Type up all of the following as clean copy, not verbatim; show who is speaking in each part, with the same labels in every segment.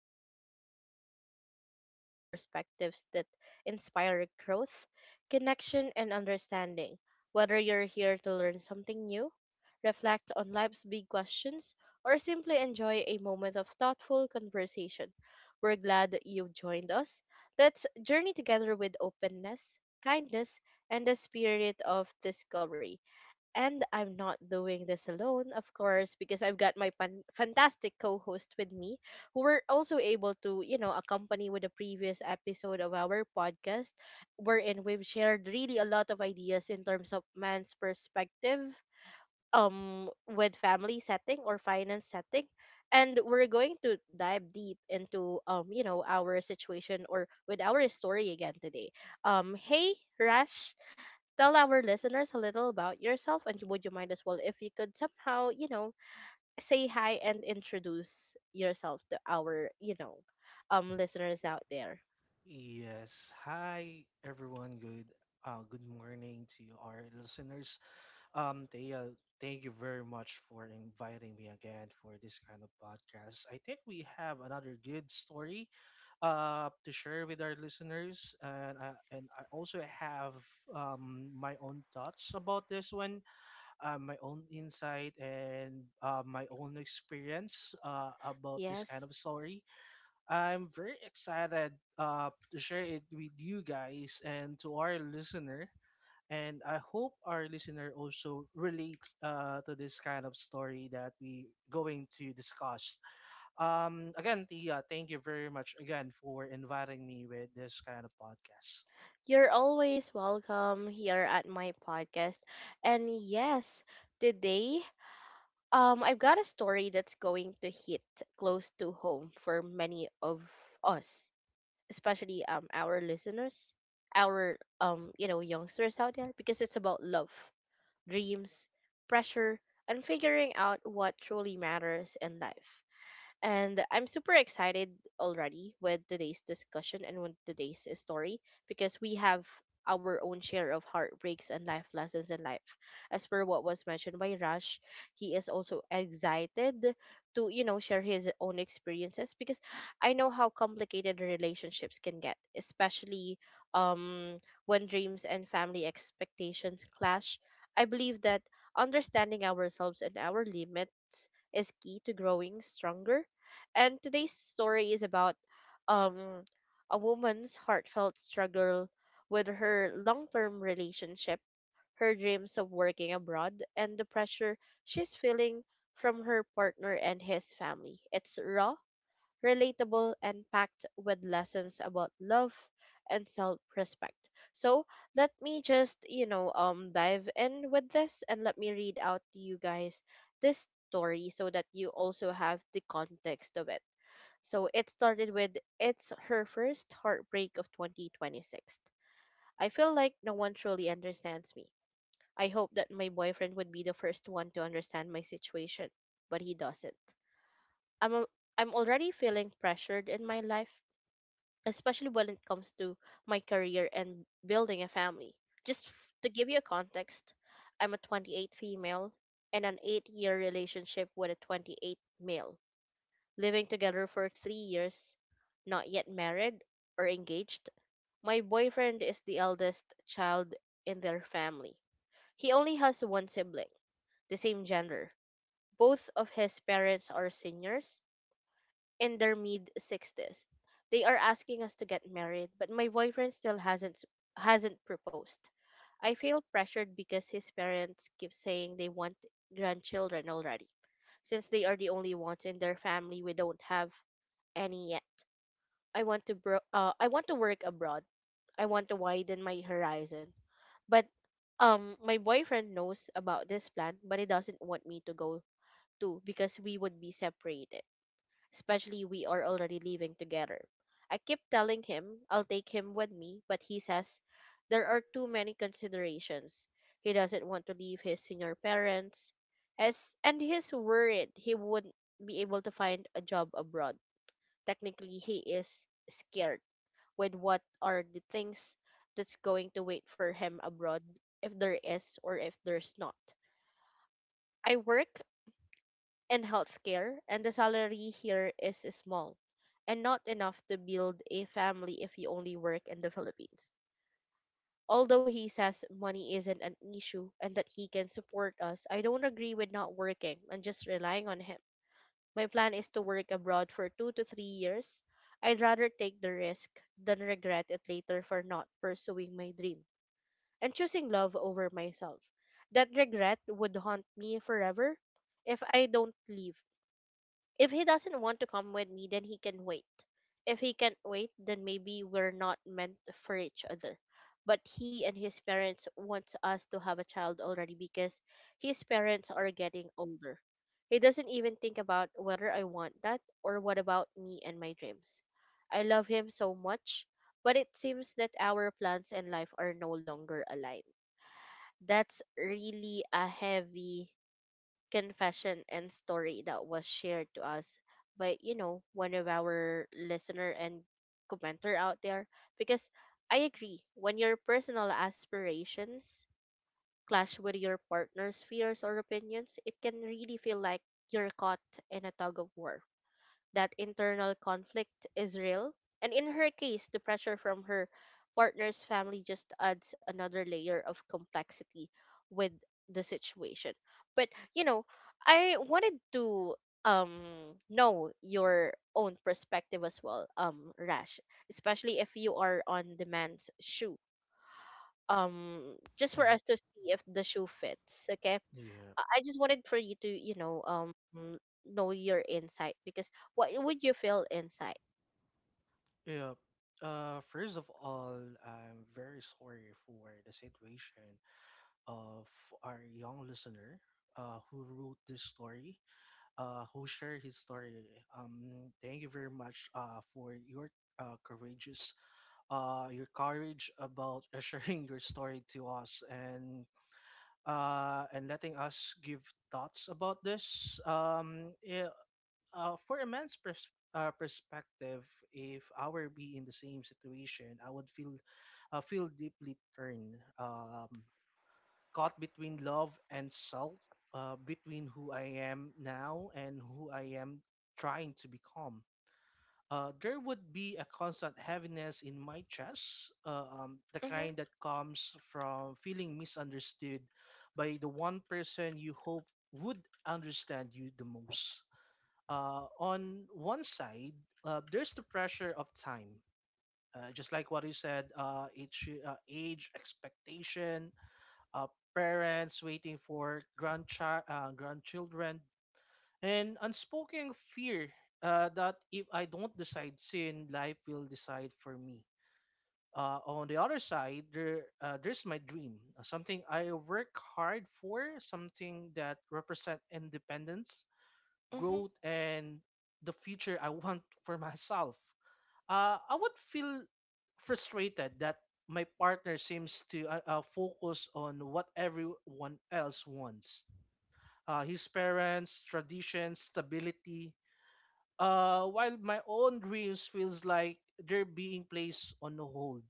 Speaker 1: explore ideas, stories, and perspectives that inspire growth, connection, and understanding. Whether you're here to learn something new, reflect on life's big questions, or simply enjoy a moment of thoughtful conversation, we're glad that you've joined us. Let's journey together with openness, kindness, and the spirit of discovery. And I'm not doing this alone, of course, because I've got my fantastic co host with me, who were also able to, accompany with the previous episode of our podcast, wherein we've shared really a lot of ideas in terms of man's perspective, with family setting or finance setting. And we're going to dive deep into, you know, our situation or with our story again today. Hey, Rash, tell our listeners a little about yourself, and would you mind as well if you could somehow, you know, say hi and introduce yourself to our, listeners out there?
Speaker 2: Yes. Hi, everyone. Good morning to you, our listeners. Thea, thank you very much for inviting me again for this kind of podcast. I think we have another good story to share with our listeners, and I also have my own thoughts about this one, my own insight, and my own experience about this kind
Speaker 1: Yes.
Speaker 2: of story. I'm very excited to share it with you guys and to our listener. And I hope our listener also relate to this kind of story that we going to discuss. Again, Tia, thank you very much again for inviting me with this kind of podcast.
Speaker 1: You're always welcome here at my podcast. And yes, today, I've got a story that's going to hit close to home for many of us, especially our listeners, our, youngsters out there, because it's about love, dreams, pressure, and figuring out what truly matters in life. And I'm super excited already with today's discussion and with today's story, because we have our own share of heartbreaks and life lessons in life. As per what was mentioned by Rush, he is also excited to, you know, share his own experiences, because I know how complicated relationships can get, especially um when dreams and family expectations clash. I believe that understanding ourselves and our limits is key to growing stronger, and today's story is about, um, a woman's heartfelt struggle with her long term relationship, her dreams of working abroad, and the pressure she's feeling from her partner and his family. It's raw, relatable, and packed with lessons about love and self respect. So let me just, dive in with this and let me read out to you guys this story so that you also have the context of it. So it started with, it's her first heartbreak of 2026. I feel like no one truly understands me. I hope that my boyfriend would be the first one to understand my situation, but he doesn't. I'm a, I'm already feeling pressured in my life, especially when it comes to my career and building a family. To give you a context, I'm a 28 female in an 8-year relationship with a 28 male, living together for 3 years, not yet married or engaged. My boyfriend is the eldest child in their family. He only has one sibling, the same gender. Both of his parents are seniors, in their mid 60s. They are asking us to get married, but my boyfriend still hasn't proposed. I feel pressured because his parents keep saying they want grandchildren already. Since they are the only ones in their family, we don't have any yet. I want to work abroad. I want to widen my horizon. But my boyfriend knows about this plan, but he doesn't want me to go too, because we would be separated, especially we are already living together. I keep telling him I'll take him with me, but he says there are too many considerations. He doesn't want to leave his senior parents, as and he's worried he wouldn't be able to find a job abroad. Technically, he is scared with what are the things that's going to wait for him abroad, if there is or if there's not. I work and healthcare, and the salary here is small and not enough to build a family if you only work in the Philippines. Although he says money isn't an issue and that he can support us, I don't agree with not working and just relying on him. My plan is to work abroad for 2 to 3 years. I'd rather take the risk than regret it later for not pursuing my dream and choosing love over myself. That regret would haunt me forever. If I don't leave, if he doesn't want to come with me, then he can wait. If he can't wait, then maybe we're not meant for each other. But he and his parents want us to have a child already because his parents are getting older. He doesn't even think about whether I want that, or what about me and my dreams. I love him so much, but it seems that our plans and life are no longer aligned. That's really a heavy confession and story that was shared to us by, you know, one of our listener and commenter out there, because I agree, when your personal aspirations clash with your partner's fears or opinions, it can really feel like you're caught in a tug of war. That internal conflict is real. And in her case, the pressure from her partner's family just adds another layer of complexity with the situation. But, you know, I wanted to know your own perspective as well, Rash, especially if you are on the man's shoe, just for us
Speaker 2: Hmm.
Speaker 1: to see if the shoe fits. Okay,
Speaker 2: Yeah,
Speaker 1: I just wanted for you to, know your insight, because what would you feel inside?
Speaker 2: yeah. First of all, I'm very sorry for the situation of our young listener who wrote this story, who shared his story. Thank you very much for your uh, courageous courage about sharing your story to us, and and letting us give thoughts about this. Yeah, for a man's perspective, if I were be in the same situation, I would feel deeply turned. Caught between love and self, between who I am now and who I am trying to become. There would be a constant heaviness in my chest, the
Speaker 1: Mm-hmm.
Speaker 2: kind that comes from feeling misunderstood by the one person you hope would understand you the most. On one side, there's the pressure of time. Just like what you said, it's age, expectation, uh, parents waiting for grandchildren, and unspoken fear that if I don't decide soon, life will decide for me. On the other side, there's my dream, something I work hard for, something that represent independence,
Speaker 1: Mm-hmm.
Speaker 2: growth, and the future I want for myself. I would feel frustrated that my partner seems to focus on what everyone else wants, his parents, traditions, stability, while my own dreams feels like they're being placed on hold.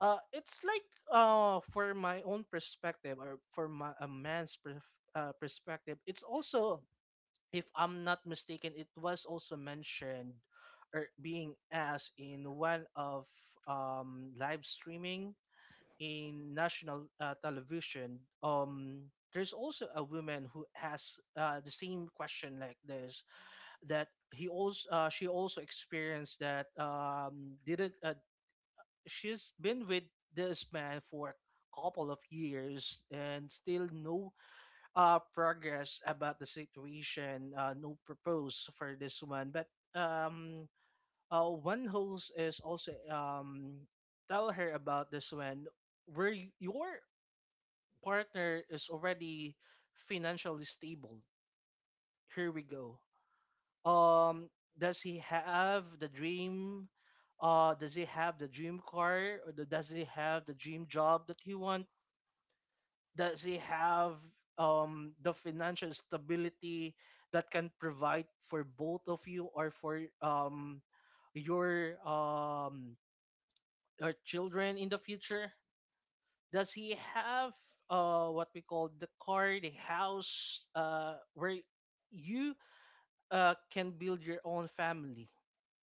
Speaker 2: It's like, for my own perspective, or for a man's perspective, it's also, if I'm not mistaken, it was also mentioned or being asked in one of live streaming in national television. There's also a woman who has the same question like this, that he also she also experienced that, didn't she's been with this man for a couple of years and still no progress about the situation, no propose for this one. But um one host is also tell her about this one, where your partner is already financially stable. Here we go. um does he have the dream does he have the dream car, or does he have the dream job that he wants? Does he have the financial stability that can provide for both of you, or for your um your children in the future? Does he have, what we call, the car, the house, where you can build your own family,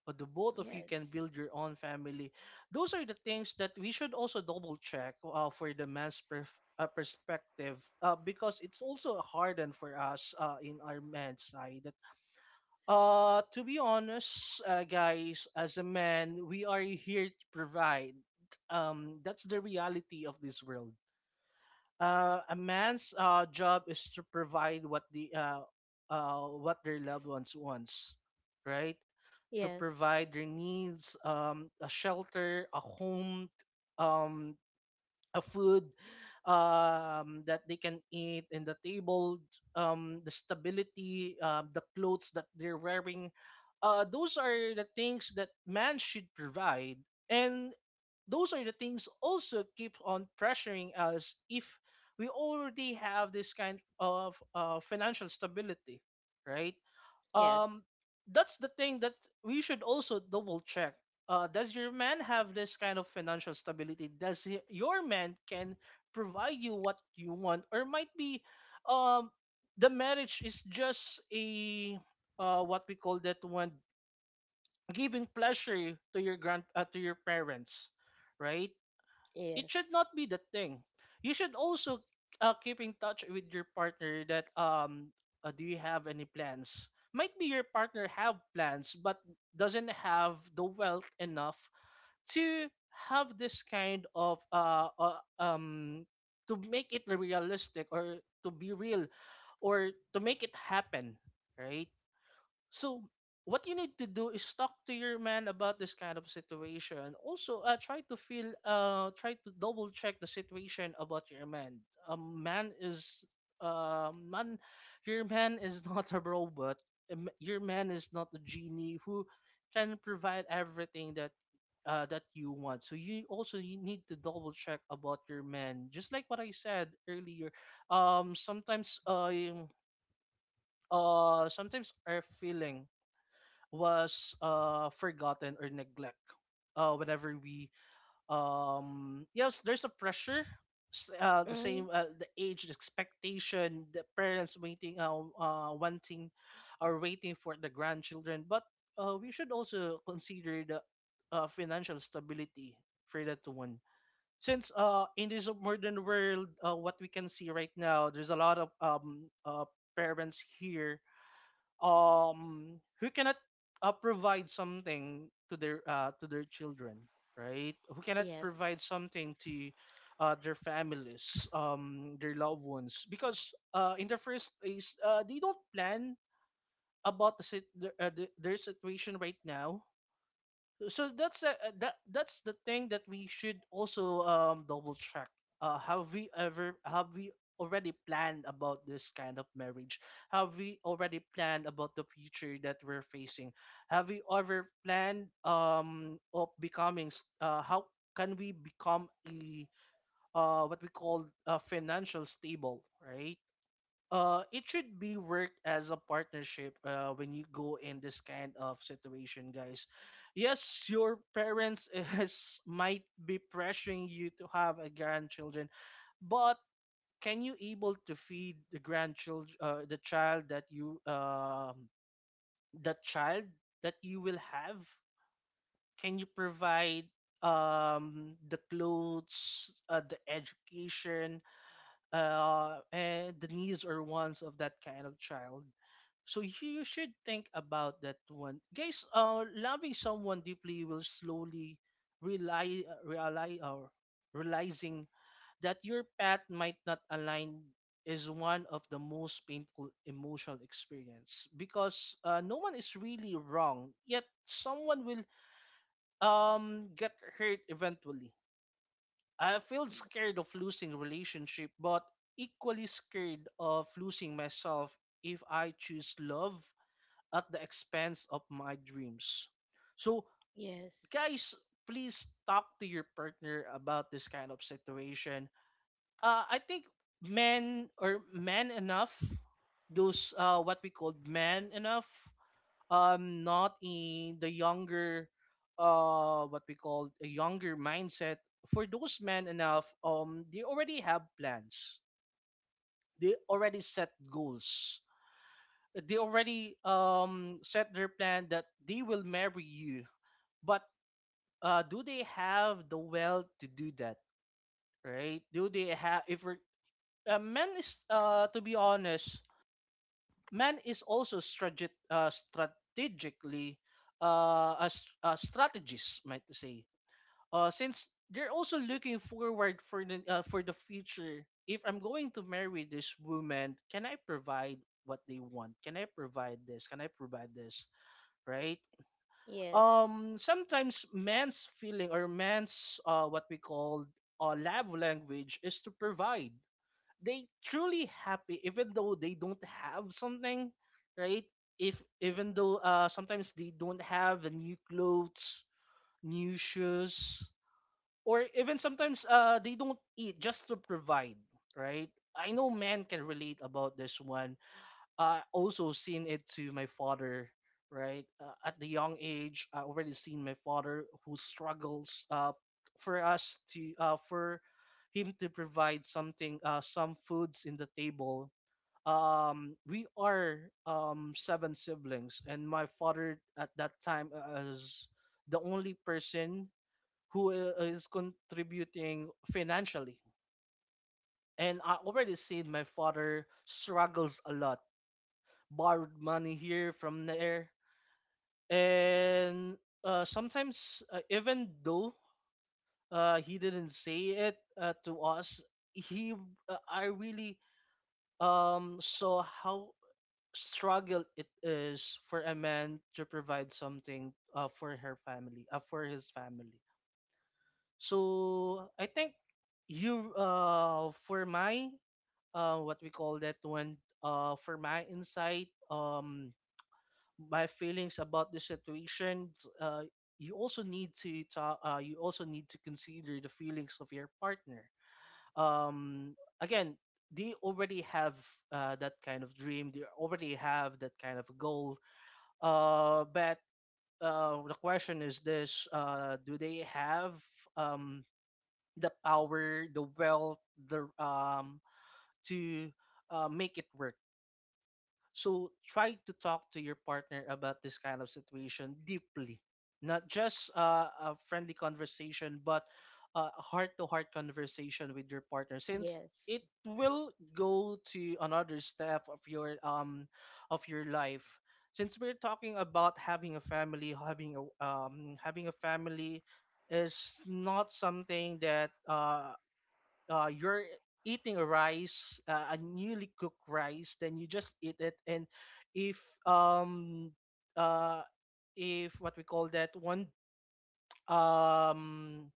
Speaker 2: or the both of you can
Speaker 1: Yes.
Speaker 2: build your own family. Those are the things that we should also double check, for the man's perspective, because it's also hardened for us, in our men's side. To be honest, guys, as a man, we are here to provide. That's the reality of this world. A man's job is to provide what their loved ones wants, right? To
Speaker 1: Yes.
Speaker 2: provide their needs: a shelter, a home, um, a food that they can eat, in the table, the stability, the clothes that they're wearing. Those are the things that man should provide, and those are the things also keep on pressuring us, if we already have this kind of financial stability, right? um
Speaker 1: Yes.
Speaker 2: that's the thing that we should also double check, does your man have this kind of financial stability? Your man can provide you what you want? Or might be um the marriage is just a, what we call that one, giving pleasure to your grand to your parents, right? It should
Speaker 1: Yes.
Speaker 2: not be that thing. You should also keep in touch with your partner, that, do you have any plans? Might be your partner have plans, but doesn't have the wealth enough to have this kind of, to make it realistic, or to be real, or to make it happen, right? So what you need to do is talk to your man about this kind of situation. Also, try to double check the situation about your man. A man is, uh, man, your man is not a robot. Your man is not a genie who can provide everything that you want. So you need to double check about your man. Just like what I said earlier, um, sometimes uh, um, sometimes our feeling was forgotten or neglect, whenever we, yes, there's a pressure, the
Speaker 1: Mm-hmm.
Speaker 2: same, the age, the expectation, the parents waiting wanting or waiting for the grandchildren. But we should also consider the, financial stability for that one, since in this modern world, what we can see right now, there's a lot of parents here, who cannot provide something to their children, right? Who cannot
Speaker 1: Yes.
Speaker 2: provide something to their families, their loved ones, because in the first place they don't plan about their situation right now. So that's the thing that we should also double check, have we already planned about this kind of marriage? Have we already planned about the future that we're facing? Have we ever planned, of becoming, how can we become a, what we call, a financial stable, right? It should be worked as a partnership, when you go in this kind of situation, guys. Yes, your parents is might be pressuring you to have a grandchildren, but can you able to feed the child that you will have? Can you provide, the clothes, the education, and the needs or wants of that kind of child. So you should think about that one, guys. Loving someone deeply will slowly rely, rely or realizing that your path might not align, is one of the most painful emotional experience, because no one is really wrong, yet someone will get hurt eventually. I feel
Speaker 1: Yes.
Speaker 2: scared of losing relationship, but equally scared of losing myself if I choose love at the expense of my dreams. So,
Speaker 1: Yes.
Speaker 2: guys, please talk to your partner about this kind of situation. I think, men or men enough, those, what we call men enough, not in the younger, what we call a younger mindset. For those men enough, they already have plans, they already set goals, they already set their plan that they will marry you. But do they have the wealth to do that, right? Do they have, if we're, men is to be honest, man is also strategic strategically a, s- a strategist, might say. Since they're also looking forward for the future. If I'm going to marry this woman, can I provide what they want? Can I provide this? Can I provide this? Right?
Speaker 1: Yes.
Speaker 2: Sometimes man's feeling, or man's, what we call, love language, is to provide. They truly happy even though they don't have something, right? If, even though, sometimes they don't have the new clothes, new shoes, or even sometimes they don't eat, just to provide, right? I know men can relate about this one. I also seen it to my father, right? At the young age, I already seen my father who struggles, for him to provide something, some foods in the table. We are seven siblings, and my father at that time, is the only person who is contributing financially. And I already seen my father struggles a lot, borrowed money here from there, and sometimes, even though he didn't say it to us, he I really saw how struggle it is for a man to provide something, for her family, for his family. So I think you for my, what we call that one, for my insight, my feelings about the situation. uh, you also need to talk. You also need to consider the feelings of your partner. um, Again, they already have that kind of dream. They already have that kind of goal. But the question is this: do they have um, the power, the wealth, the to make it work. So try to talk to your partner about this kind of situation deeply, not just a friendly conversation, but a heart-to-heart conversation with your partner, since it
Speaker 1: Yes.
Speaker 2: will go to another step of your life. Since we're talking about having a family, having a family is not something that you're eating a rice, a newly cooked rice. Then you just eat it. And if um uh if what we call that one, um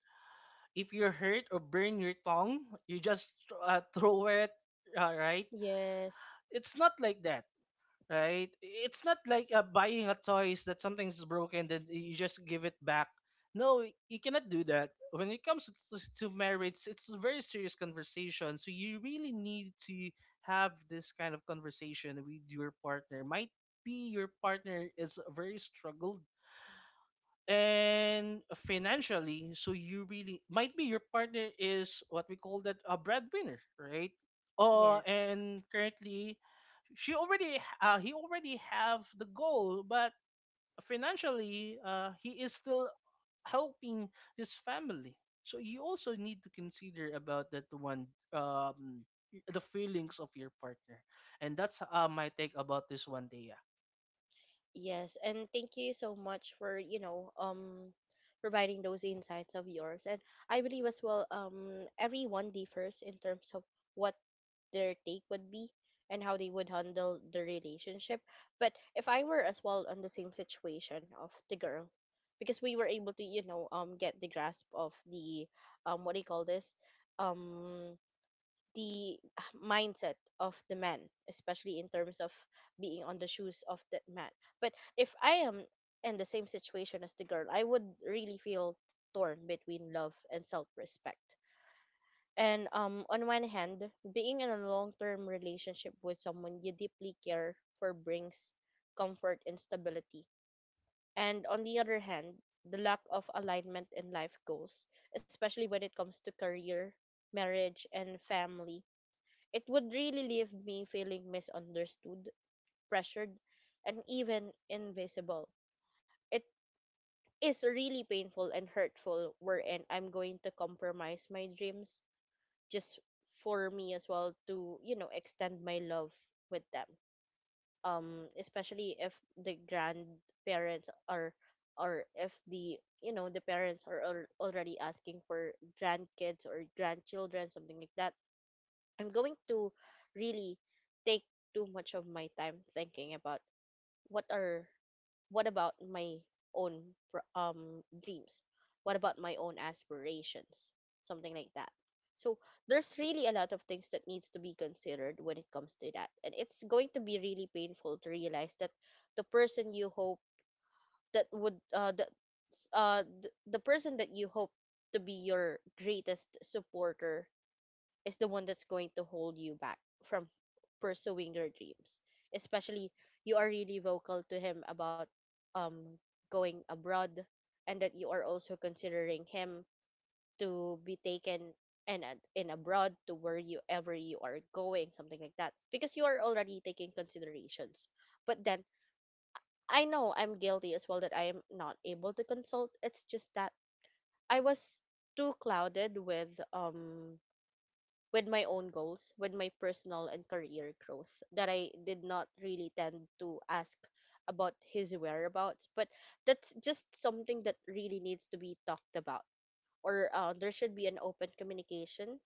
Speaker 2: if you hurt or burn your tongue, you just throw it. Right?
Speaker 1: Yes.
Speaker 2: It's not like that, right? It's not like buying a toys that something's broken, then you just give it back. No, you cannot do that. When it comes to marriage, it's a very serious conversation. So you really need to have this kind of conversation with your partner. Might be your partner is very struggled and financially, so you really might be your partner is what we call that a breadwinner, right? Oh,
Speaker 1: Yes.
Speaker 2: and currently, she already he already have the goal, but financially, he is still helping his family. So you also need to consider about that one. um, the feelings of your partner. And that's my take about this one day.
Speaker 1: Yes, and thank you so much for, you know, providing those insights of yours. And I believe as well, everyone differs in terms of what their take would be and how they would handle the relationship. But if I were as well on the same situation of the girl, because we were able to, you know, get the grasp of the, what do you call this? Um the mindset of the man, especially in terms of being on the shoes of that man. But if I am in the same situation as the girl, I would really feel torn between love and self respect. And on one hand, being in a long term relationship with someone you deeply care for brings comfort and stability. And on the other hand, the lack of alignment in life goals, especially when it comes to career, marriage, and family, it would really leave me feeling misunderstood, pressured, and even invisible. It is really painful and hurtful, wherein I'm going to compromise my dreams just for me as well to, you know, extend my love with them. Especially if the grandparents are, or if the, you know, the parents are already asking for grandkids or grandchildren, something like that, I'm going to really take too much of my time thinking about what are, what about my own dreams? What about my own aspirations? Something like that. So there's really a lot of things that needs to be considered when it comes to that, and it's going to be really painful to realize that the person you hope that would the, the person that you hope to be your greatest supporter is the one that's going to hold you back from pursuing your dreams. Especially, you are really vocal to him about um going abroad, and that you are also considering him to be taken and in abroad to where you ever you are going, something like that. Because you are already taking considerations. But then, I know I'm guilty as well that I am not able to consult. It's just that I was too clouded with my own goals, with my personal and career growth, that I did not really tend to ask about his whereabouts. But that's just something that really needs to be talked about, or there should be an open communication,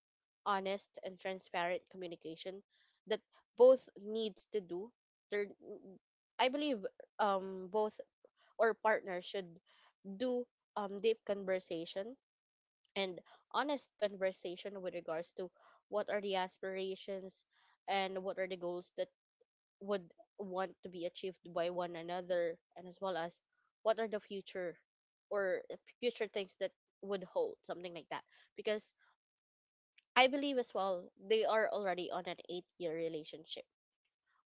Speaker 1: honest and transparent communication that both needs to do. There, I believe both or partners should do deep conversation and honest conversation with regards to what are the aspirations and what are the goals that would want to be achieved by one another, and as well as what are the future or future things that would hold, something like that. Because I believe as well, they are already on an 8 year relationship.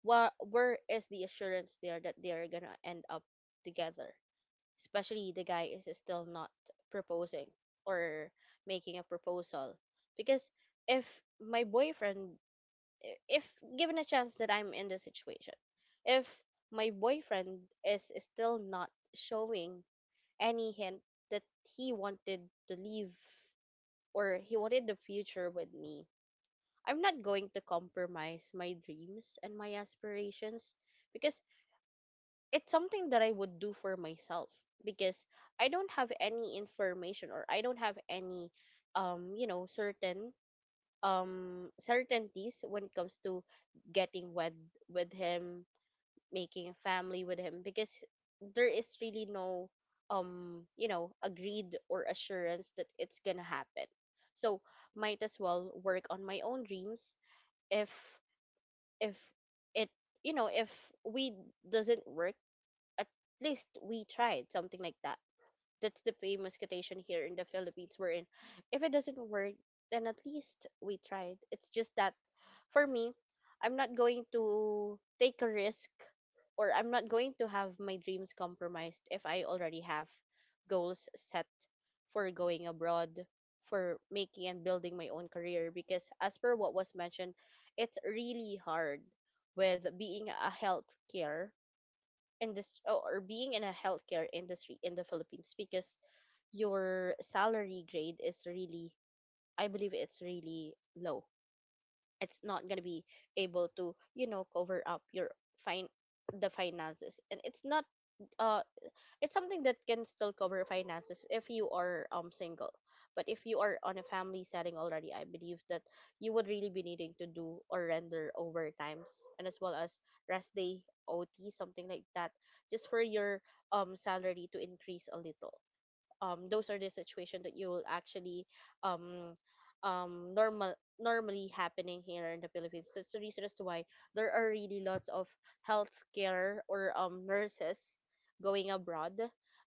Speaker 1: Where is the assurance there that they are gonna end up together, especially the guy is still not proposing or making a proposal? Because if my boyfriend if given a chance that I'm in the situation, if my boyfriend is still not showing any hint that he wanted to leave or he wanted the future with me, I'm not going to compromise my dreams and my aspirations, because it's something that I would do for myself. Because I don't have any information, or I don't have any certain certainties when it comes to getting wed with him, making a family with him, because there is really no agreed or assurance that it's gonna happen. So might as well work on my own dreams. If if it you know if we doesn't work, at least we tried, something like that. That's the famous quotation here in the Philippines, we're in if it doesn't work, then at least we tried. It's just that for me, I'm not going to take a risk, or I'm not going to have my dreams compromised if I already have goals set for going abroad, for making and building my own career. Because as per what was mentioned, it's really hard with being a healthcare industry, or being in a healthcare industry in the Philippines, because your salary grade is really, I believe, it's really low. It's not going to be able to, you know, cover up your fine the finances. And it's not, uh it's something that can still cover finances if you are single, but if you are on a family setting already, I believe that you would really be needing to do or render overtimes, and as well as rest day OT, something like that, just for your salary to increase a little. Those are the situation that you will actually um, normally happening here in the Philippines. That's the reason as to why there are really lots of healthcare or nurses going abroad,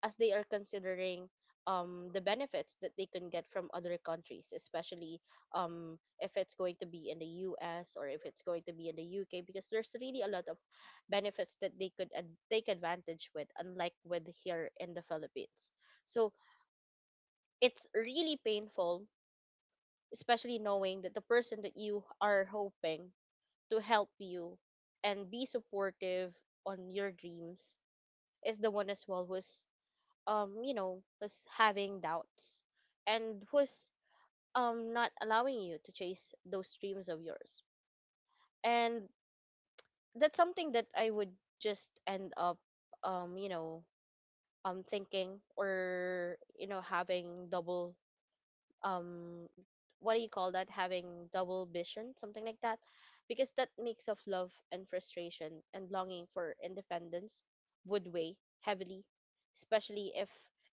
Speaker 1: as they are considering the benefits that they can get from other countries, especially if it's going to be in the US, or if it's going to be in the UK, because there's really a lot of benefits that they could take advantage with, unlike with here in the Philippines. So it's really painful, especially knowing that the person that you are hoping to help you and be supportive on your dreams is the one as well who's was having doubts, and who's not allowing you to chase those dreams of yours. And that's something that I would just end up um you know thinking, or having double um what do you call that, having double vision, something like that. Because that mix of love and frustration and longing for independence would weigh heavily, especially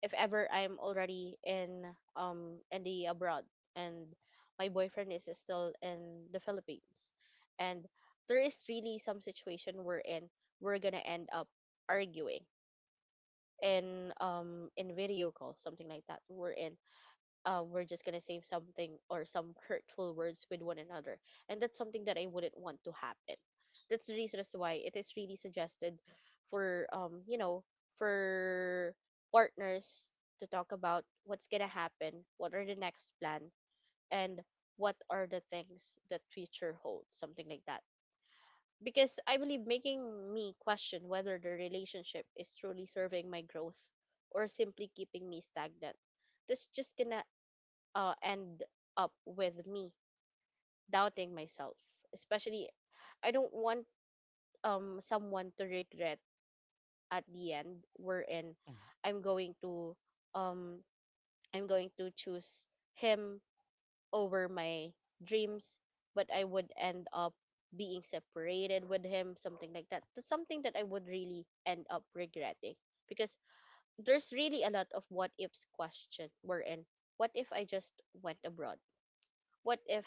Speaker 1: if ever I'm already in the abroad, and my boyfriend is still in the Philippines, and there is really some situation we're in, we're gonna end up arguing in video call, something like that, we're in we're just gonna say something or some hurtful words with one another, and that's something that I wouldn't want to happen. That's the reason as to why it is really suggested for for partners to talk about what's gonna happen, what are the next plan, and what are the things that future holds, something like that. Because I believe making me question whether the relationship is truly serving my growth or simply keeping me stagnant, that's just gonna end up with me doubting myself. Especially, I don't want someone to regret at the end, wherein I'm going to um I'm going to choose him over my dreams, but I would end up being separated with him, something like that. That's something that I would really end up regretting, because there's really a lot of what ifs question, wherein what if I just went abroad? What if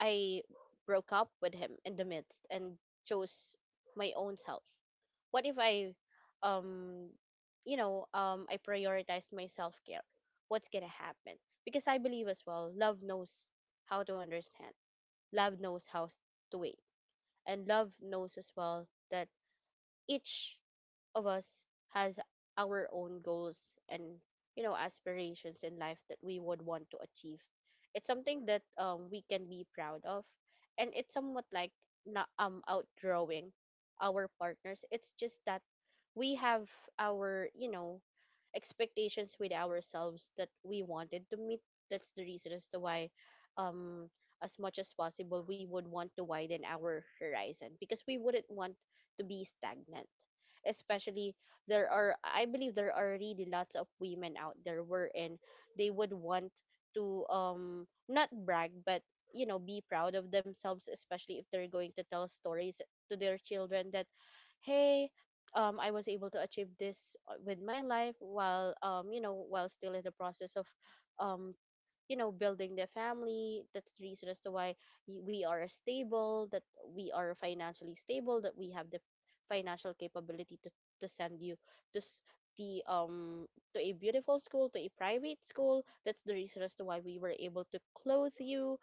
Speaker 1: I broke up with him in the midst and chose my own self? What if I um I prioritized my self-care? What's going to happen? Because I believe as well, love knows how to understand. Love knows to wait. And love knows as well that each of us has our own goals and aspirations in life that we would want to achieve. It's something that we can be proud of, and it's somewhat like not outgrowing our partners. It's just that we have our, expectations with ourselves that we wanted to meet. That's the reason as to why, um, as much as possible, we would want to widen our horizon, because we wouldn't want to be stagnant. Especially, there are, I believe, there are really lots of women out there wherein they would want to, not brag, but you know, be proud of themselves, especially if they're going to tell stories to their children that hey, I was able to achieve this with my life, while you know, while still in the process of um, you know, building the family. That's the reason as to why we are stable, that we are financially stable, that we have the financial capability to send you to s- the to a beautiful school, to a private school. That's the reason as to why we were able to clothe you,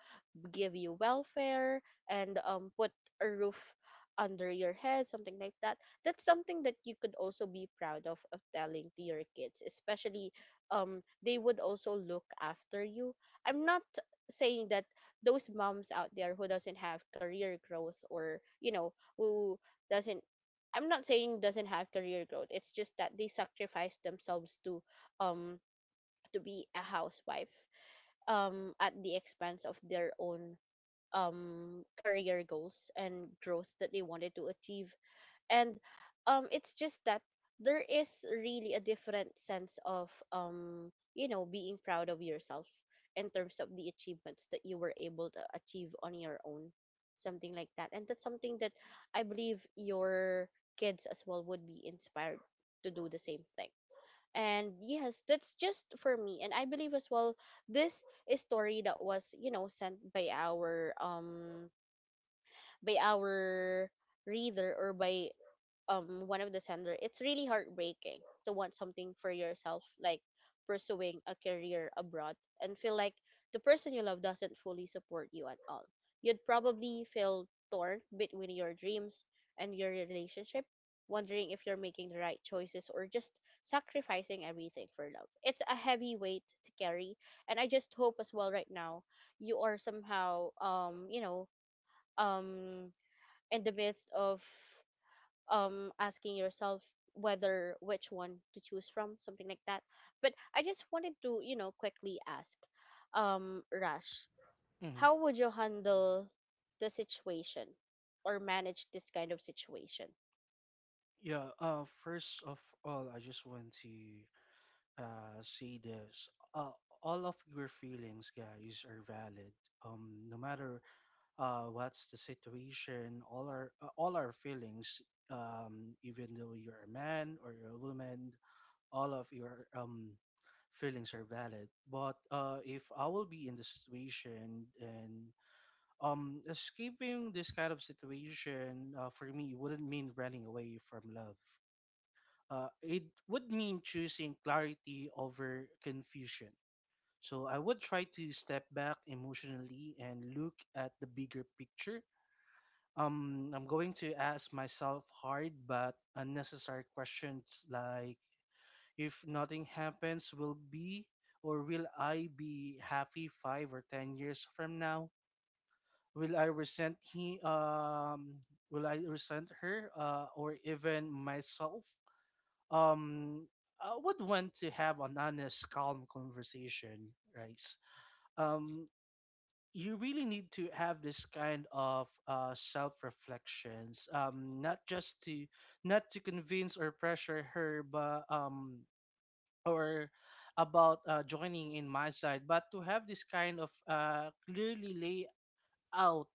Speaker 1: give you welfare, and put a roof under your head, something like that. That's something that you could also be proud of telling to your kids, especially they would also look after you. I'm not saying that those moms out there who doesn't have career growth, or you know, who doesn't I'm not saying doesn't have career growth. It's just that they sacrifice themselves um to be a housewife, at the expense of their own career goals and growth that they wanted to achieve. And it's just that there is really a different sense of being proud of yourself, in terms of the achievements that you were able to achieve on your own, something like that. And that's something that I believe your kids as well would be inspired to do the same thing. And yes, that's just for me, and I believe as well, this is story that was, you know, sent by our by our reader, or by one of the sender. It's really heartbreaking to want something for yourself, like pursuing a career abroad, and feel like the person you love doesn't fully support you at all. You'd probably feel torn between your dreams and your relationship, wondering if you're making the right choices or just sacrificing everything for love. It's a heavy weight to carry, and I just hope as well right now you are somehow um in the midst of asking yourself whether which one to choose from, something like that. But I just wanted to, you know, quickly ask, Rash,
Speaker 2: Mm-hmm.
Speaker 1: how would you handle the situation or manage this kind of situation?
Speaker 2: Yeah, first of all, I just want to say this: uh, all of your feelings, guys, are valid. No matter what's the situation, all our feelings, even though you're a man or you're a woman, all of your feelings are valid. But if I will be in the situation, and escaping this kind of situation, for me, wouldn't mean running away from love. It would mean choosing clarity over confusion. So I would try to step back emotionally and look at the bigger picture. I'm going to ask myself hard but unnecessary questions, like, if nothing happens, will I be happy 5 or 10 years from now? Will I resent he um will I resent her, or even myself? Um, I would want to have an honest, calm conversation, right? Um you really need to have this kind of self reflections, not just to, not to convince or pressure her, but or about joining in my side, but to have this kind of clearly lay out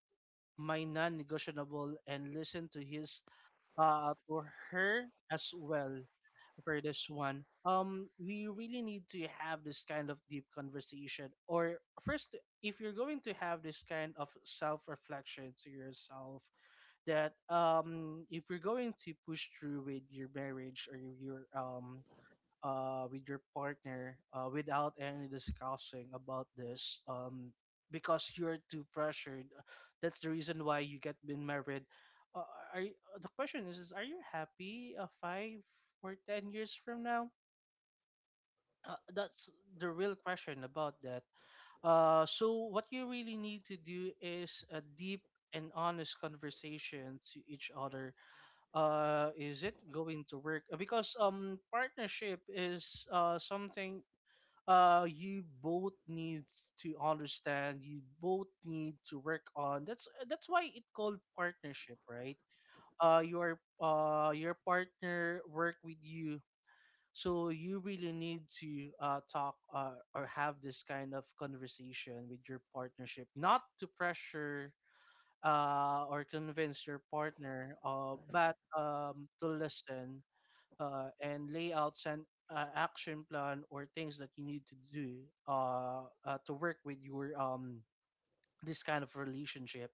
Speaker 2: my non-negotiable and listen to his, to her, as well, for this one. We really need to have this kind of deep conversation. Or first, if you're going to have this kind of self-reflection to yourself, that if you're going to push through with your marriage or with your partner, without any discussing about this, because you're too pressured. That's the reason why you get been married. Uh, the question is, are you happy, 5 or 10 years from now? That's the real question about that. So what you really need to do is a deep and honest conversation to each other. Is it going to work? Because partnership is something, you both needs to understand, you both need to work on. That's why it called partnership, right? Your partner work with you. So you really need to talk, or have this kind of conversation with your partnership, not to pressure, or convince your partner, but to listen, and layouts and action plan or things that you need to do, to work with your, this kind of relationship.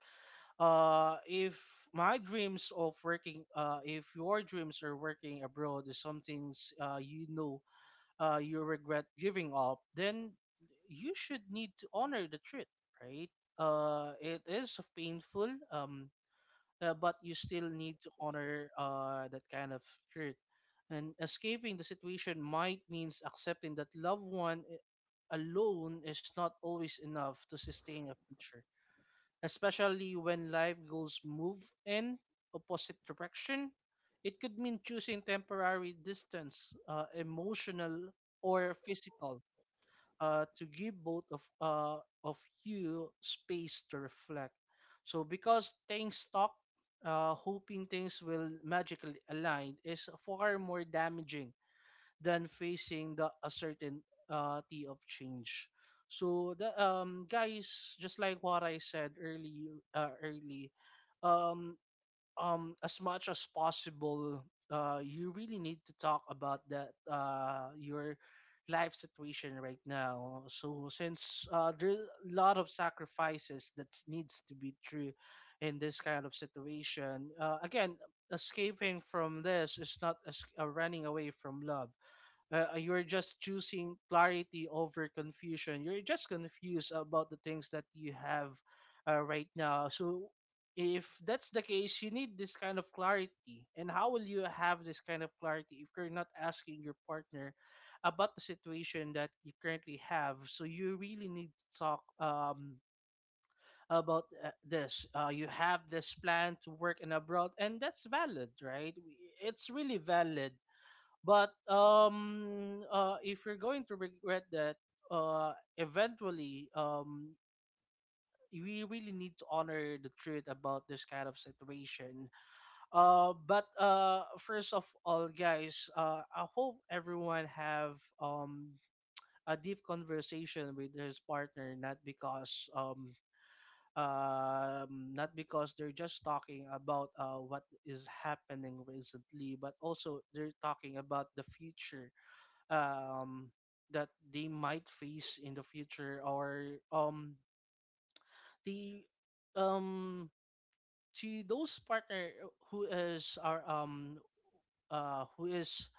Speaker 2: If my dreams of working, if your dreams are working abroad is something, you know, you regret giving up, then you should need to honor the truth, right? It is painful. But you still need to honor that kind of hurt. And escaping the situation might means accepting that loved one alone is not always enough to sustain a future, especially when life goals move in opposite direction. It could mean choosing temporary distance, emotional or physical, to give both of you space to reflect. So because things stop, hoping things will magically align is far more damaging than facing the uncertainty of change. So, the guys, just like what I said early, um as much as possible, you really need to talk about that, your life situation right now. So since there's a lot of sacrifices that needs to be true in this kind of situation. Again, escaping from this is not, running away from love. You're just choosing clarity over confusion. You're just confused about the things that you have, right now. So, if that's the case, you need this kind of clarity. And how will you have this kind of clarity if you're not asking your partner about the situation that you currently have? So, you really need to talk. About this, you have this plan to work in abroad, and that's valid, right? It's really valid, but if you're going to regret that, eventually, we really need to honor the truth about this kind of situation. But first of all, guys, I hope everyone have a deep conversation with his partner, not because they're just talking about what is happening recently, but also they're talking about the future um, that they might face in the future. Or um, the um, to those partner, who is our who is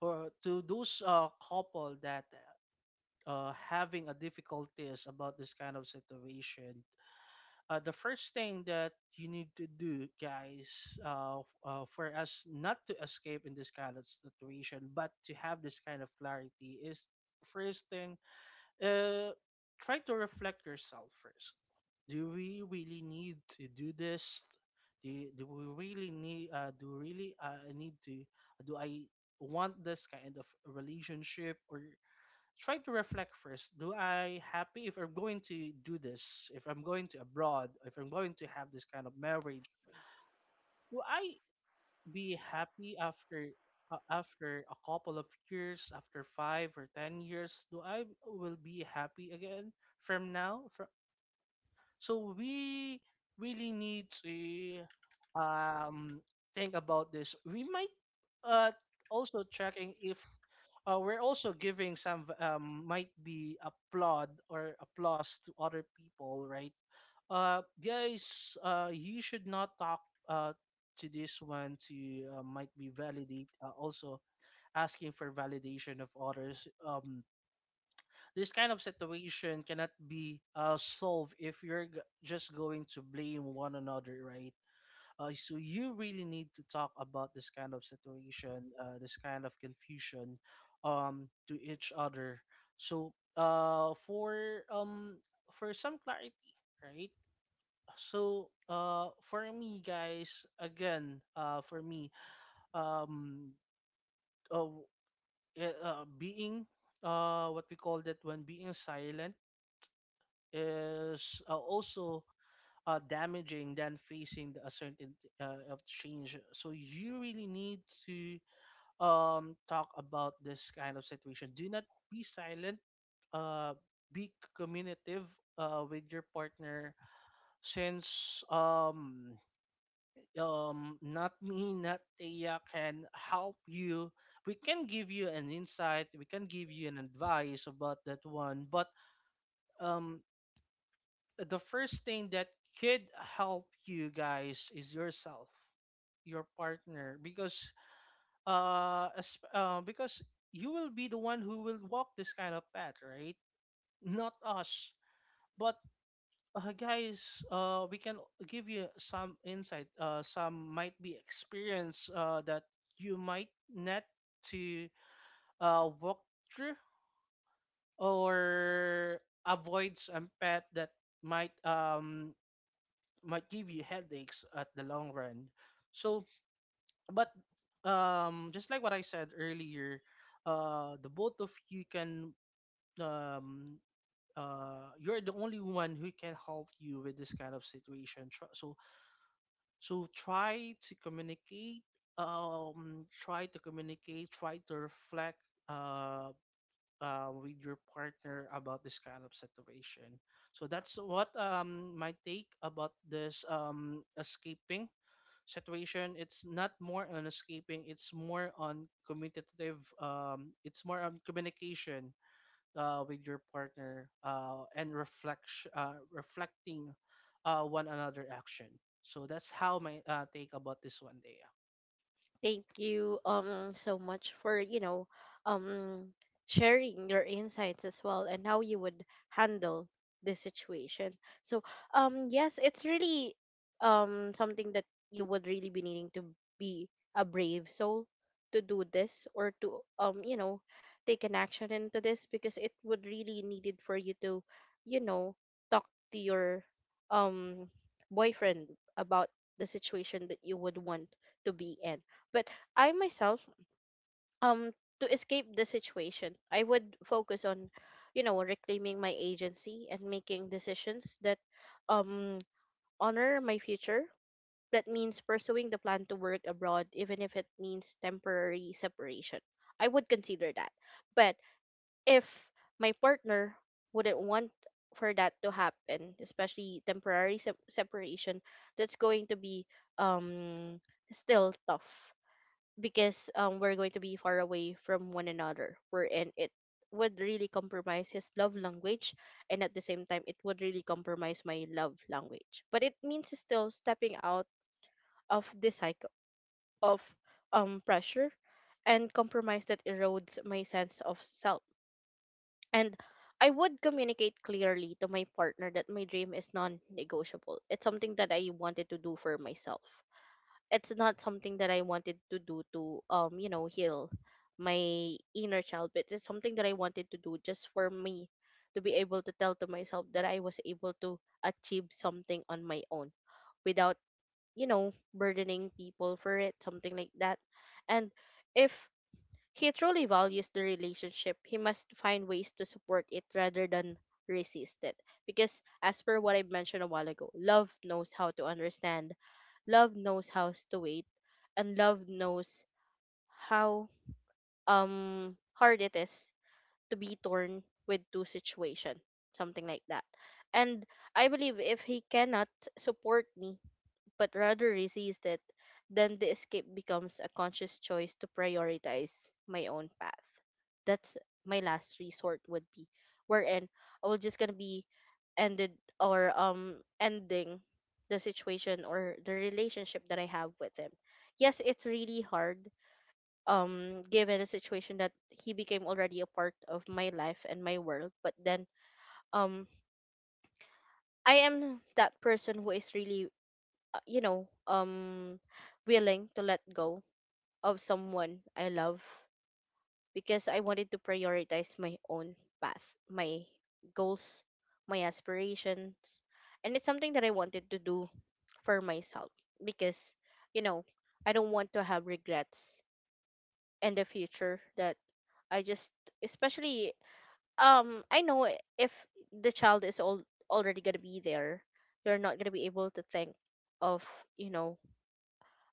Speaker 2: or to those couple that having a difficulties about this kind of situation. The first thing that you need to do, guys, for us not to escape in this kind of situation, but to have this kind of clarity, is first thing, uh, try to reflect yourself first. Do we really need to do this? Do, do we really need? Do really I need to? Do I want this kind of relationship? Or try to reflect first. Do I happy if I'm going to do this? If I'm going to abroad? If I'm going to have this kind of marriage? Do I be happy after after a couple of years, after 5 or 10 years, do I will be happy again from now? So we really need to um think about this. We might uh also checking if we're also giving some, might be applaud or applause to other people, right? Guys, you should not talk uh, to this one, to might be validate, also asking for validation of others. This kind of situation cannot be solved if you're just going to blame one another, right? So you really need to talk about this kind of situation, this kind of confusion, to each other. So for some clarity, right? So for me, guys, again, um uh, being what we call that when being silent is, also damaging than facing the uncertainty of change. So you really need to talk about this kind of situation. Do not be silent, uh, be communicative with your partner, since not me, not Tia can help you. We can give you an insight, we can give you an advice about that one. But um the first thing that could help you, guys, is yourself, your partner. Because because you will be the one who will walk this kind of path, right, not us. But, guys, we can give you some insight. Some might be experience, that you might not to walk through, or avoid some pet that might um might give you headaches at the long run. So, but just like what I said earlier, the both of you can um. You're the only one who can help you with this kind of situation. Try to communicate, try to reflect, uh, with your partner about this kind of situation. So that's what my take about this escaping situation. It's not more on escaping, it's more on communicative, it's more on communication with your partner and reflecting one another action, so that's how my take about this one day.
Speaker 1: Thank you so much for, you know, um sharing your insights as well and how you would handle this situation. So, yes, it's really something that you would really be needing to be a brave soul to do this, or to take an action into this, because it would really needed for you to, you know, talk to your um boyfriend about the situation that you would want to be in. But I myself, um, to escape the situation, I would focus on, you know, reclaiming my agency and making decisions that um honor my future. That means pursuing the plan to work abroad, even if it means temporary separation. I would consider that. But if my partner wouldn't want for that to happen, especially temporary separation, that's going to be um still tough, because we're going to be far away from one another, wherein it would really compromise his love language, and at the same time it would really compromise my love language. But it means still stepping out of this cycle of pressure and compromise that erodes my sense of self. And I would communicate clearly to my partner that my dream is non negotiable. It's something that I wanted to do for myself. It's not something that I wanted to do to heal my inner child, but it's something that I wanted to do just for me, to be able to tell to myself that I was able to achieve something on my own without, you know, burdening people for it, something like that. And if he truly values the relationship, he must find ways to support it rather than resist it. Because, as per what I mentioned a while ago, love knows how to understand, love knows how to wait, and love knows how hard it is to be torn with two situation, something like that. And I believe if he cannot support me but rather resist it, then the escape becomes a conscious choice to prioritize my own path. That's my last resort would be wherein I will just gonna be ended or ending the situation or the relationship that I have with him. Yes, it's really hard given the situation that he became already a part of my life and my world, but then um I am that person who is really uh, you know um willing to let go of someone I love because I wanted to prioritize my own path, my goals, my aspirations, and it's something that I wanted to do for myself because, you know I don't want to have regrets in the future that I just especially I know if the child is all already going to be there, you're not going to be able to think of, you know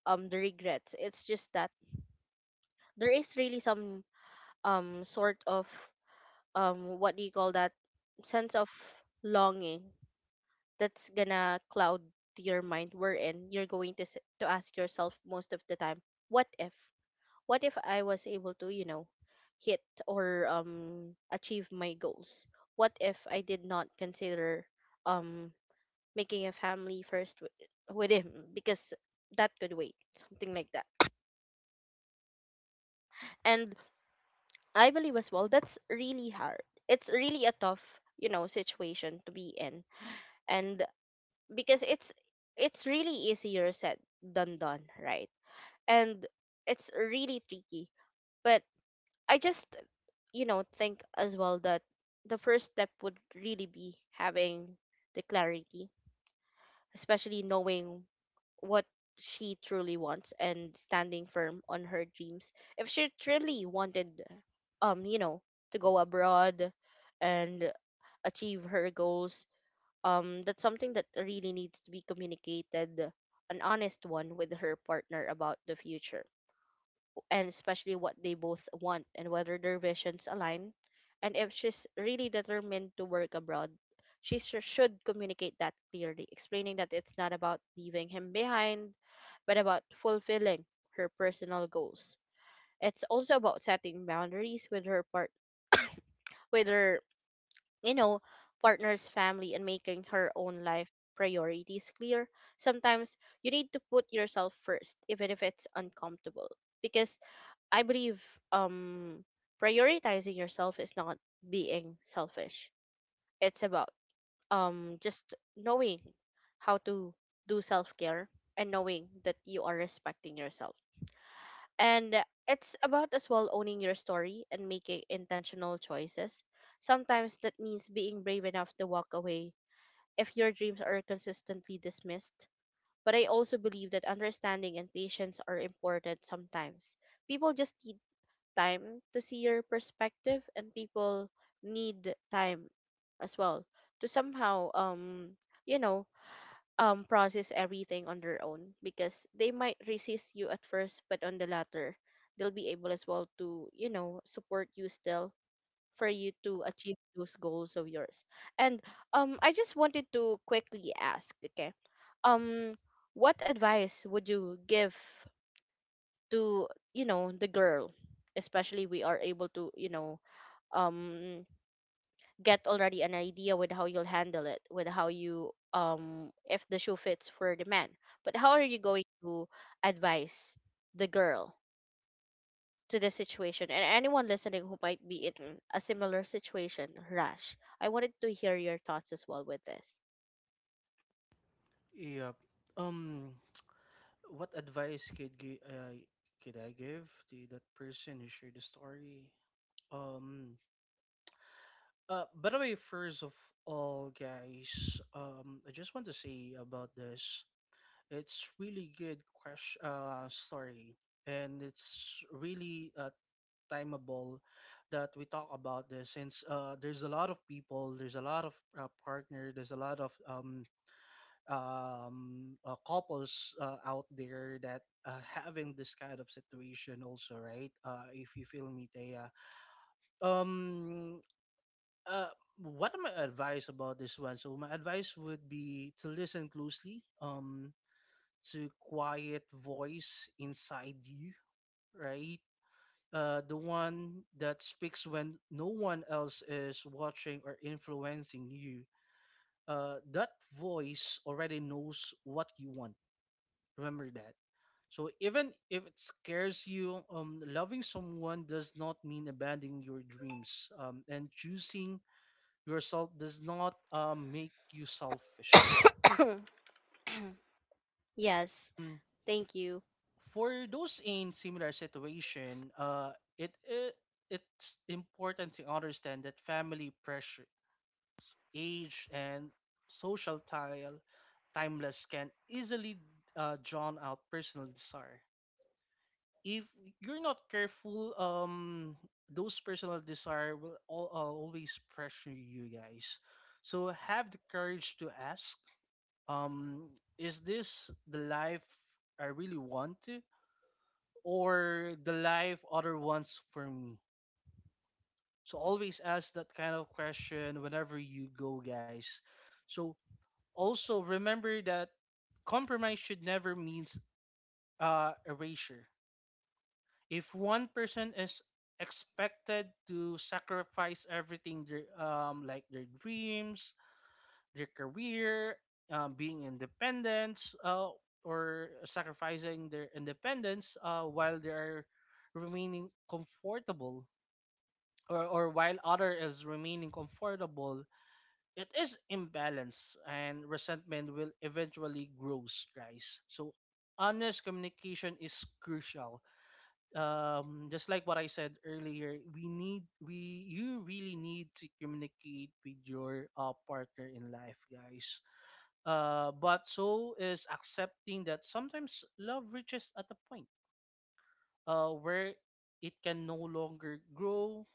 Speaker 1: the regrets. It's just that there is really some sort of what do you call that, sense of longing that's gonna cloud to your mind wherein you're going to to ask yourself most of the time what if, what if I was able to hit or achieve my goals, what if I did not consider um making a family with him because that could wait, something like that. And I believe as well that's really hard. It's really a tough, situation to be in. And because it's really easier said than done, right? And it's really tricky. But I just, think as well that the first step would really be having the clarity, especially knowing what she truly wants and standing firm on her dreams. If she truly wanted, um, you know, to go abroad and achieve her goals, that's something that really needs to be communicated, an honest one with her partner about the future, and especially what they both want and whether their visions align. And if she's really determined to work abroad, she should communicate that clearly, explaining that it's not about leaving him behind, but about fulfilling her personal goals. It's also about setting boundaries with her, you know, partner's family and making her own life priorities clear. Sometimes you need to put yourself first, even if it's uncomfortable, because I believe um prioritizing yourself is not being selfish. It's about just knowing how to do self-care and knowing that you are respecting yourself. And it's about as well owning your story and making intentional choices. Sometimes that means being brave enough to walk away if your dreams are consistently dismissed. But I also believe that understanding and patience are important sometimes. People just need time to see your perspective, and people need time as well to somehow you know process everything on their own because they might resist you at first, but on the latter they'll be able as well to, support you still for you to achieve those goals of yours. And I just wanted to quickly ask, okay, um what advice would you give to, the girl, especially we are able to, um get already an idea with how you'll handle it, with how you if the shoe fits for the man, but how are you going to advise the girl to the situation and anyone listening who might be in a similar situation. Rash, I wanted to hear your thoughts as well with this.
Speaker 2: Yep. Um, what advice could could I give to that person who shared the story? Um, by the way, first of all, guys, I just want to say about this. It's really good question, story, and it's really timeable that we talk about this since there's a lot of people, there's a lot of partner, there's a lot of couples out there that having this kind of situation also, right? If you feel me, Thea. Um, uh, what are my advice about this one? So my advice would be to listen closely, to quiet voice inside you, right? The one that speaks when no one else is watching or influencing you, that voice already knows what you want. Remember that. So even if it scares you, loving someone does not mean abandoning your dreams, and choosing yourself does not make you selfish.
Speaker 1: Yes,
Speaker 2: Um,
Speaker 1: thank you.
Speaker 2: for those in similar situation, it, it it's important to understand that family pressure age, and social tile, timeless can easily drown out personal desire. If you're not careful, those personal desire will always pressure you guys. So have the courage to ask, um, is this the life I really want to, or the life other wants for me? So always ask that kind of question whenever you go, guys. So also, remember that compromise should never mean erasure. If one person is expected to sacrifice everything, their, like their dreams, their career, being independent, uh, or sacrificing their independence while they are remaining comfortable, or while other is remaining comfortable, it is imbalance and resentment will eventually grow, guys. So honest communication is crucial. Just like what I said earlier, we need we you really need to communicate with your partner in life, guys. But so is accepting that sometimes love reaches at a point where it can no longer grow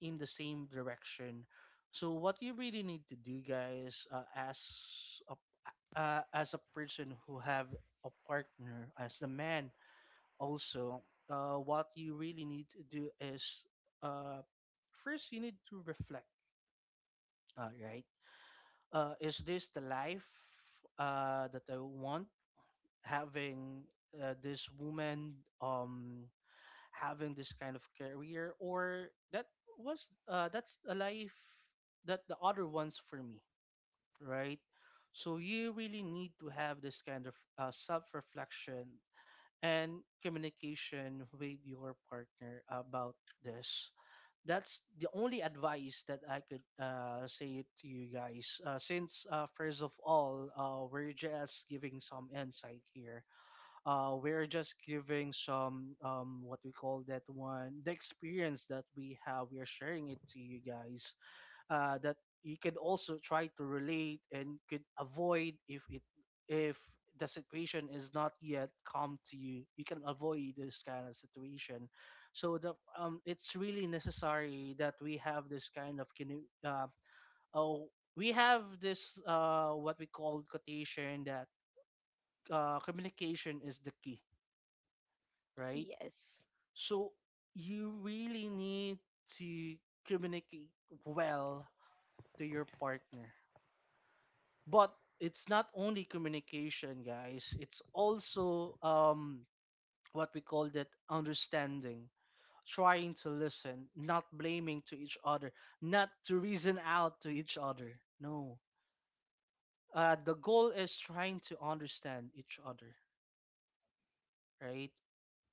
Speaker 2: in the same direction. So what you really need to do, guys, a as a person who have a partner, as a man, also, what you really need to do is, uh, first you need to reflect. All right, is this the life that I want? Having this woman, um, having this kind of career, or that was that's a life that the other ones for me, right? So you really need to have this kind of self-reflection and communication with your partner about this. That's the only advice that I could say to you guys, since first of all, we're just giving some insight here. We're just giving some what we call that one, the experience that we have, we're sharing it to you guys, that you could also try to relate and could avoid, if it, if the situation is not yet come to you, you can avoid this kind of situation. So the it's really necessary that we have this kind of oh we have this what we call quotation, that communication is the key, right?
Speaker 1: Yes.
Speaker 2: So you really need to communicate well to your partner. But it's not only communication, guys. It's also what we call that understanding, trying to listen, not blaming to each other, not to reason out to each other. No. The goal is trying to understand each other, right?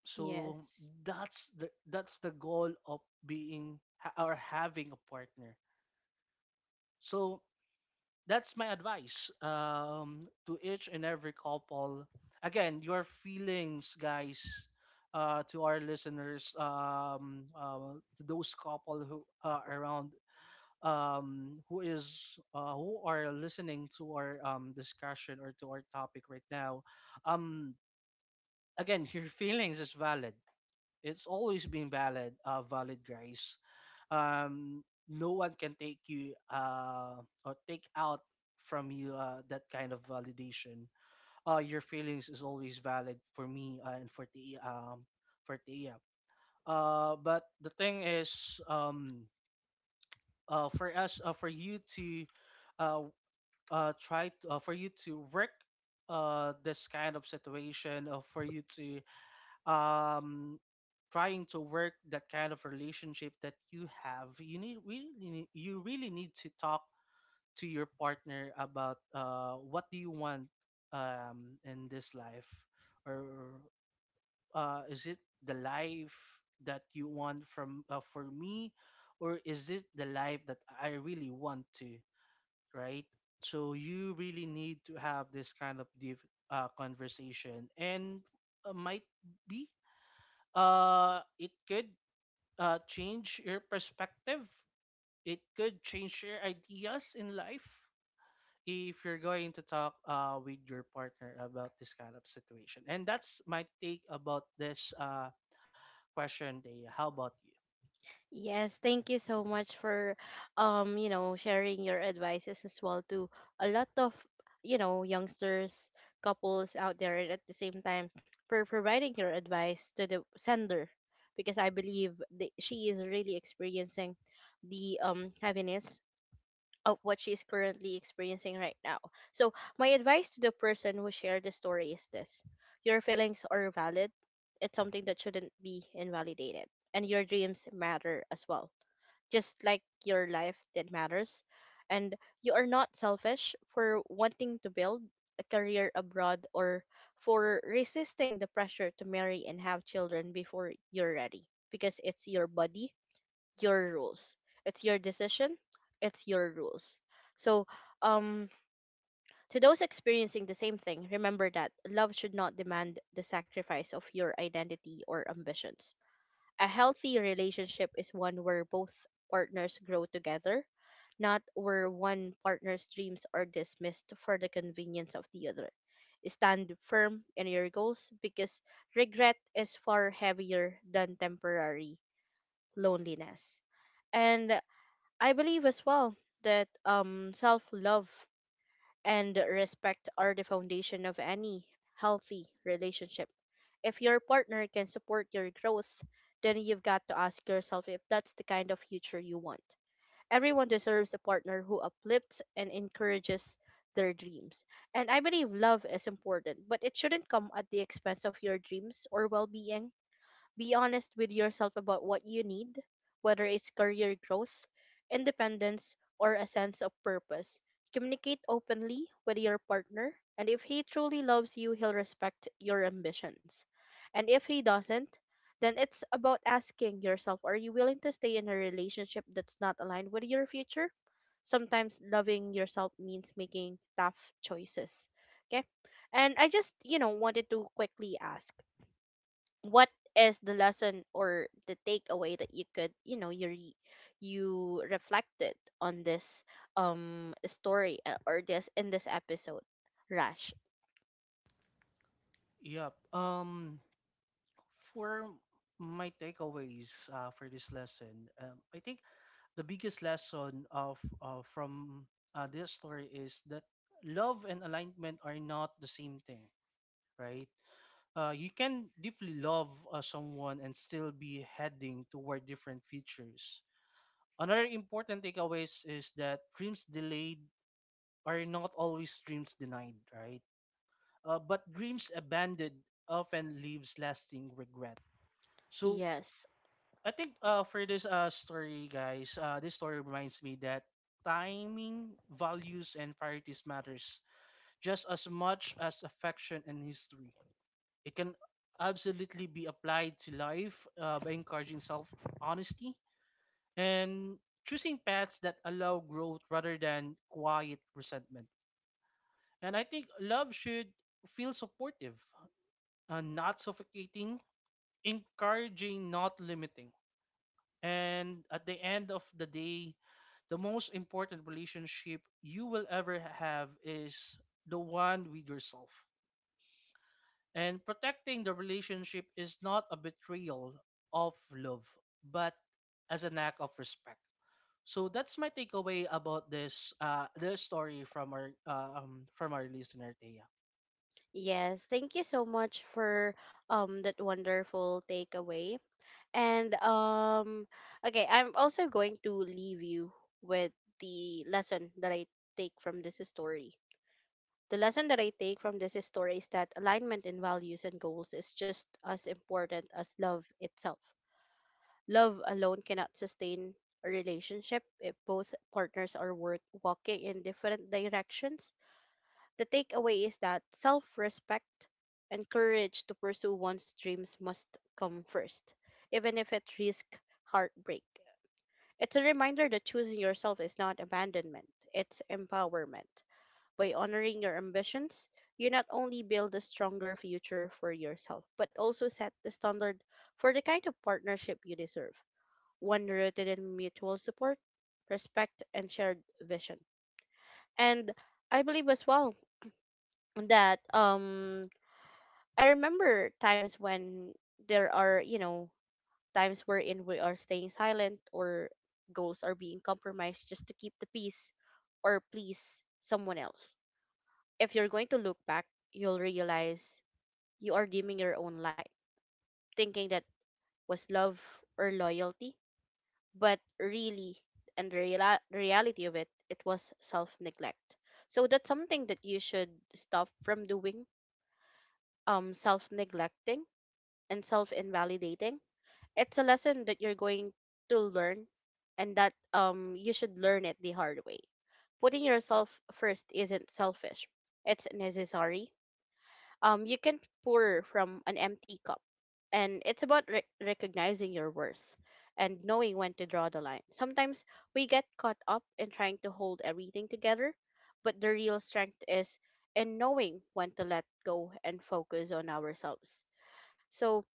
Speaker 2: So
Speaker 1: Yes.
Speaker 2: that's the goal of or having a partner. So that's my advice to each and every couple. Again, your feelings, guys, to our listeners, to those couple who are around, who are listening to our discussion or to our topic right now. Um, again, your feelings is valid. It's always been valid, guys. um, no one can take you or take out from you that kind of validation. Your feelings is always valid for me and for the for Tia. But the thing is, um, for us, for you to uh, for you to work this kind of situation, for you to um trying to work that kind of relationship that you have, you really need to talk to your partner about what do you want in this life, or is it the life that you want from for me, or is it the life that I really want to, right? So you really need to have this kind of deep conversation, and might be it could change your perspective, it could change your ideas in life if you're going to talk with your partner about this kind of situation. And that's my take about this question, Dea. How about
Speaker 1: Yes, thank you so much for, sharing your advices as well to a lot of, youngsters, couples out there, and at the same time for providing your advice to the sender, because I believe that she is really experiencing the heaviness of what she is currently experiencing right now. So, my advice to the person who shared the story is this. Your feelings are valid. It's something that shouldn't be invalidated, and your dreams matter as well, just like your life that matters. And you are not selfish for wanting to build a career abroad or for resisting the pressure to marry and have children before you're ready, because it's your body, your rules. It's your decision, it's your rules. So, um, to those experiencing the same thing, remember that love should not demand the sacrifice of your identity or ambitions. A healthy relationship is one where both partners grow together, not where one partner's dreams are dismissed for the convenience of the other. Stand firm in your goals, because regret is far heavier than temporary loneliness. And I believe as well that self love and respect are the foundation of any healthy relationship. If your partner can support your growth, then you've got to ask yourself if that's the kind of future you want. Everyone deserves a partner who uplifts and encourages their dreams. And I believe love is important, but it shouldn't come at the expense of your dreams or well being. Be honest with yourself about what you need, whether it's career growth, independence, or a sense of purpose. Communicate openly with your partner, and if he truly loves you, he'll respect your ambitions. And if he doesn't, then it's about asking yourself, are you willing to stay in a relationship that's not aligned with your future? Sometimes loving yourself means making tough choices. Okay? And I just, wanted to quickly ask, what is the lesson or the takeaway that you could, you you reflected on this story, or this in this episode, Rash?
Speaker 2: you? Yep. For my takeaways for this lesson, I think the biggest lesson of from this story is that love and alignment are not the same thing, right? You can deeply love someone and still be heading toward different features. Another important takeaways is that dreams delayed are not always dreams denied, right? But dreams abandoned often leaves lasting regret. So
Speaker 1: Yes.
Speaker 2: I think for this story, guys, this story reminds me that timing, values, and priorities matters just as much as affection and history. It can absolutely be applied to life by encouraging self honesty and choosing paths that allow growth rather than quiet resentment. And I think love should feel supportive, not suffocating, encouraging, not limiting. And at the end of the day, the most important relationship you will ever have is the one with yourself. And protecting the relationship is not a betrayal of love, but as an act of respect. So that's my takeaway about this this story from our listener, Thea.
Speaker 1: Yes, thank you so much for that wonderful takeaway. And okay, I'm also going to leave you with the lesson that I take from this story. The lesson that I take from this story is that alignment in values and goals is just as important as love itself. Love alone cannot sustain a relationship if both partners are worth walking in different directions. The takeaway is that self respect and courage to pursue one's dreams must come first, even if it risks heartbreak. It's a reminder that choosing yourself is not abandonment, it's empowerment. By honoring your ambitions, you not only build a stronger future for yourself, but also set the standard for the kind of partnership you deserve, one rooted in mutual support, respect, and shared vision. And I believe as well that I remember times when there are, times wherein we are staying silent or goals are being compromised just to keep the peace or please someone else. If you're going to look back, you'll realize you are dimming your own light, thinking that was love or loyalty, but really, and the reality of it, it was self neglect. So that's something that you should stop from doing. Self neglecting and self invalidating. It's a lesson that you're going to learn, and that you should learn it the hard way. Putting yourself first isn't selfish. It's necessary. You can't pour from an empty cup. And it's about recognizing your worth and knowing when to draw the line. Sometimes we get caught up in trying to hold everything together, but the real strength is in knowing when to let go and focus on ourselves. So,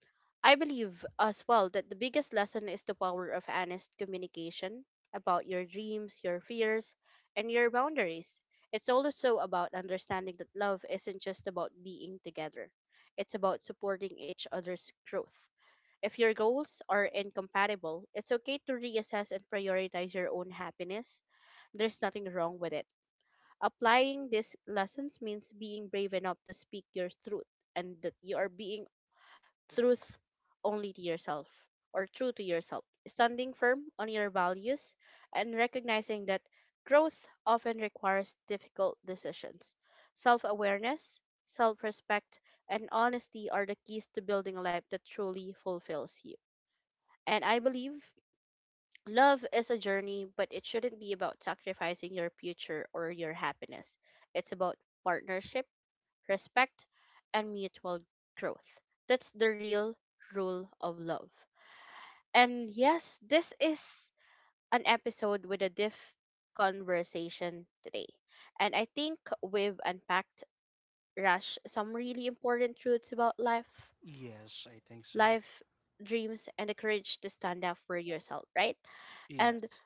Speaker 1: I believe as well that the biggest lesson is the power of honest communication about your dreams, your fears, and your boundaries. It's also about understanding that love isn't just about being together, it's about supporting each other's growth. If your goals are incompatible, it's okay to reassess and prioritize your own happiness. There's nothing wrong with it. Applying these lessons means being brave enough to speak your truth, and that you are being truth only to yourself, or true to yourself, standing firm on your values and recognizing that growth often requires difficult decisions. Self awareness, self respect, and honesty are the keys to building a life that truly fulfills you. And I believe love is a journey, but it shouldn't be about sacrificing your future or your happiness. It's about partnership, respect, and mutual growth. That's the real rule of love. And yes, this is an episode with a deep conversation today. And I think we've unpacked, Rush, some really important truths about life,
Speaker 2: Yes, I think so.
Speaker 1: life, dreams, and the courage to stand up for yourself, right? And
Speaker 2: Yes.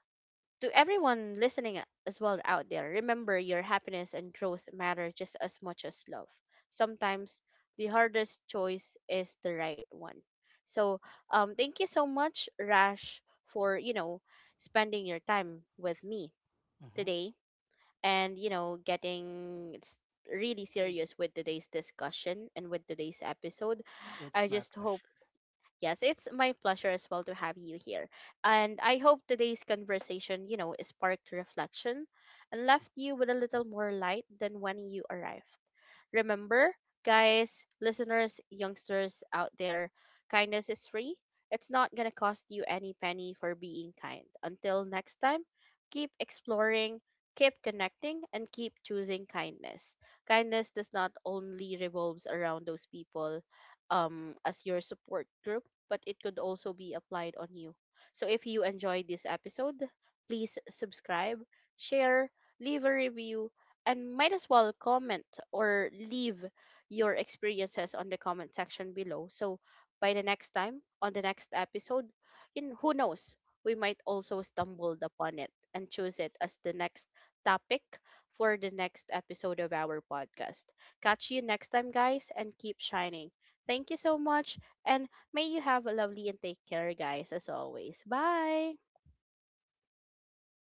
Speaker 1: to everyone listening as well out there, remember your happiness and growth matter just as much as love. Sometimes the hardest choice is the right one. So, thank you so much, Rash, for, spending your time with me
Speaker 2: Mm-hmm.
Speaker 1: today, and, getting really serious with today's discussion and with today's episode.
Speaker 2: It's
Speaker 1: I
Speaker 2: my
Speaker 1: just hope.
Speaker 2: pleasure.
Speaker 1: Yes, it's my pleasure as well to have you here. And I hope today's conversation, sparked reflection and left you with a little more light than when you arrived. Remember, guys, listeners, youngsters out there, kindness is free. It's not going to cost you any penny for being kind. Until next time, keep exploring, keep connecting, and keep choosing kindness. Kindness does not only revolves around those people as your support group, but it could also be applied on you. So if you enjoyed this episode, please subscribe, share, leave a review, and might as well comment or leave your experiences on the comment section below. So by the next time, on the next episode, in, who knows, we might also stumbled upon it and choose it as the next topic for the next episode of our podcast. Catch you next time, guys, and keep shining. Thank you so much. And may you have a lovely and take care, guys, as always. Bye.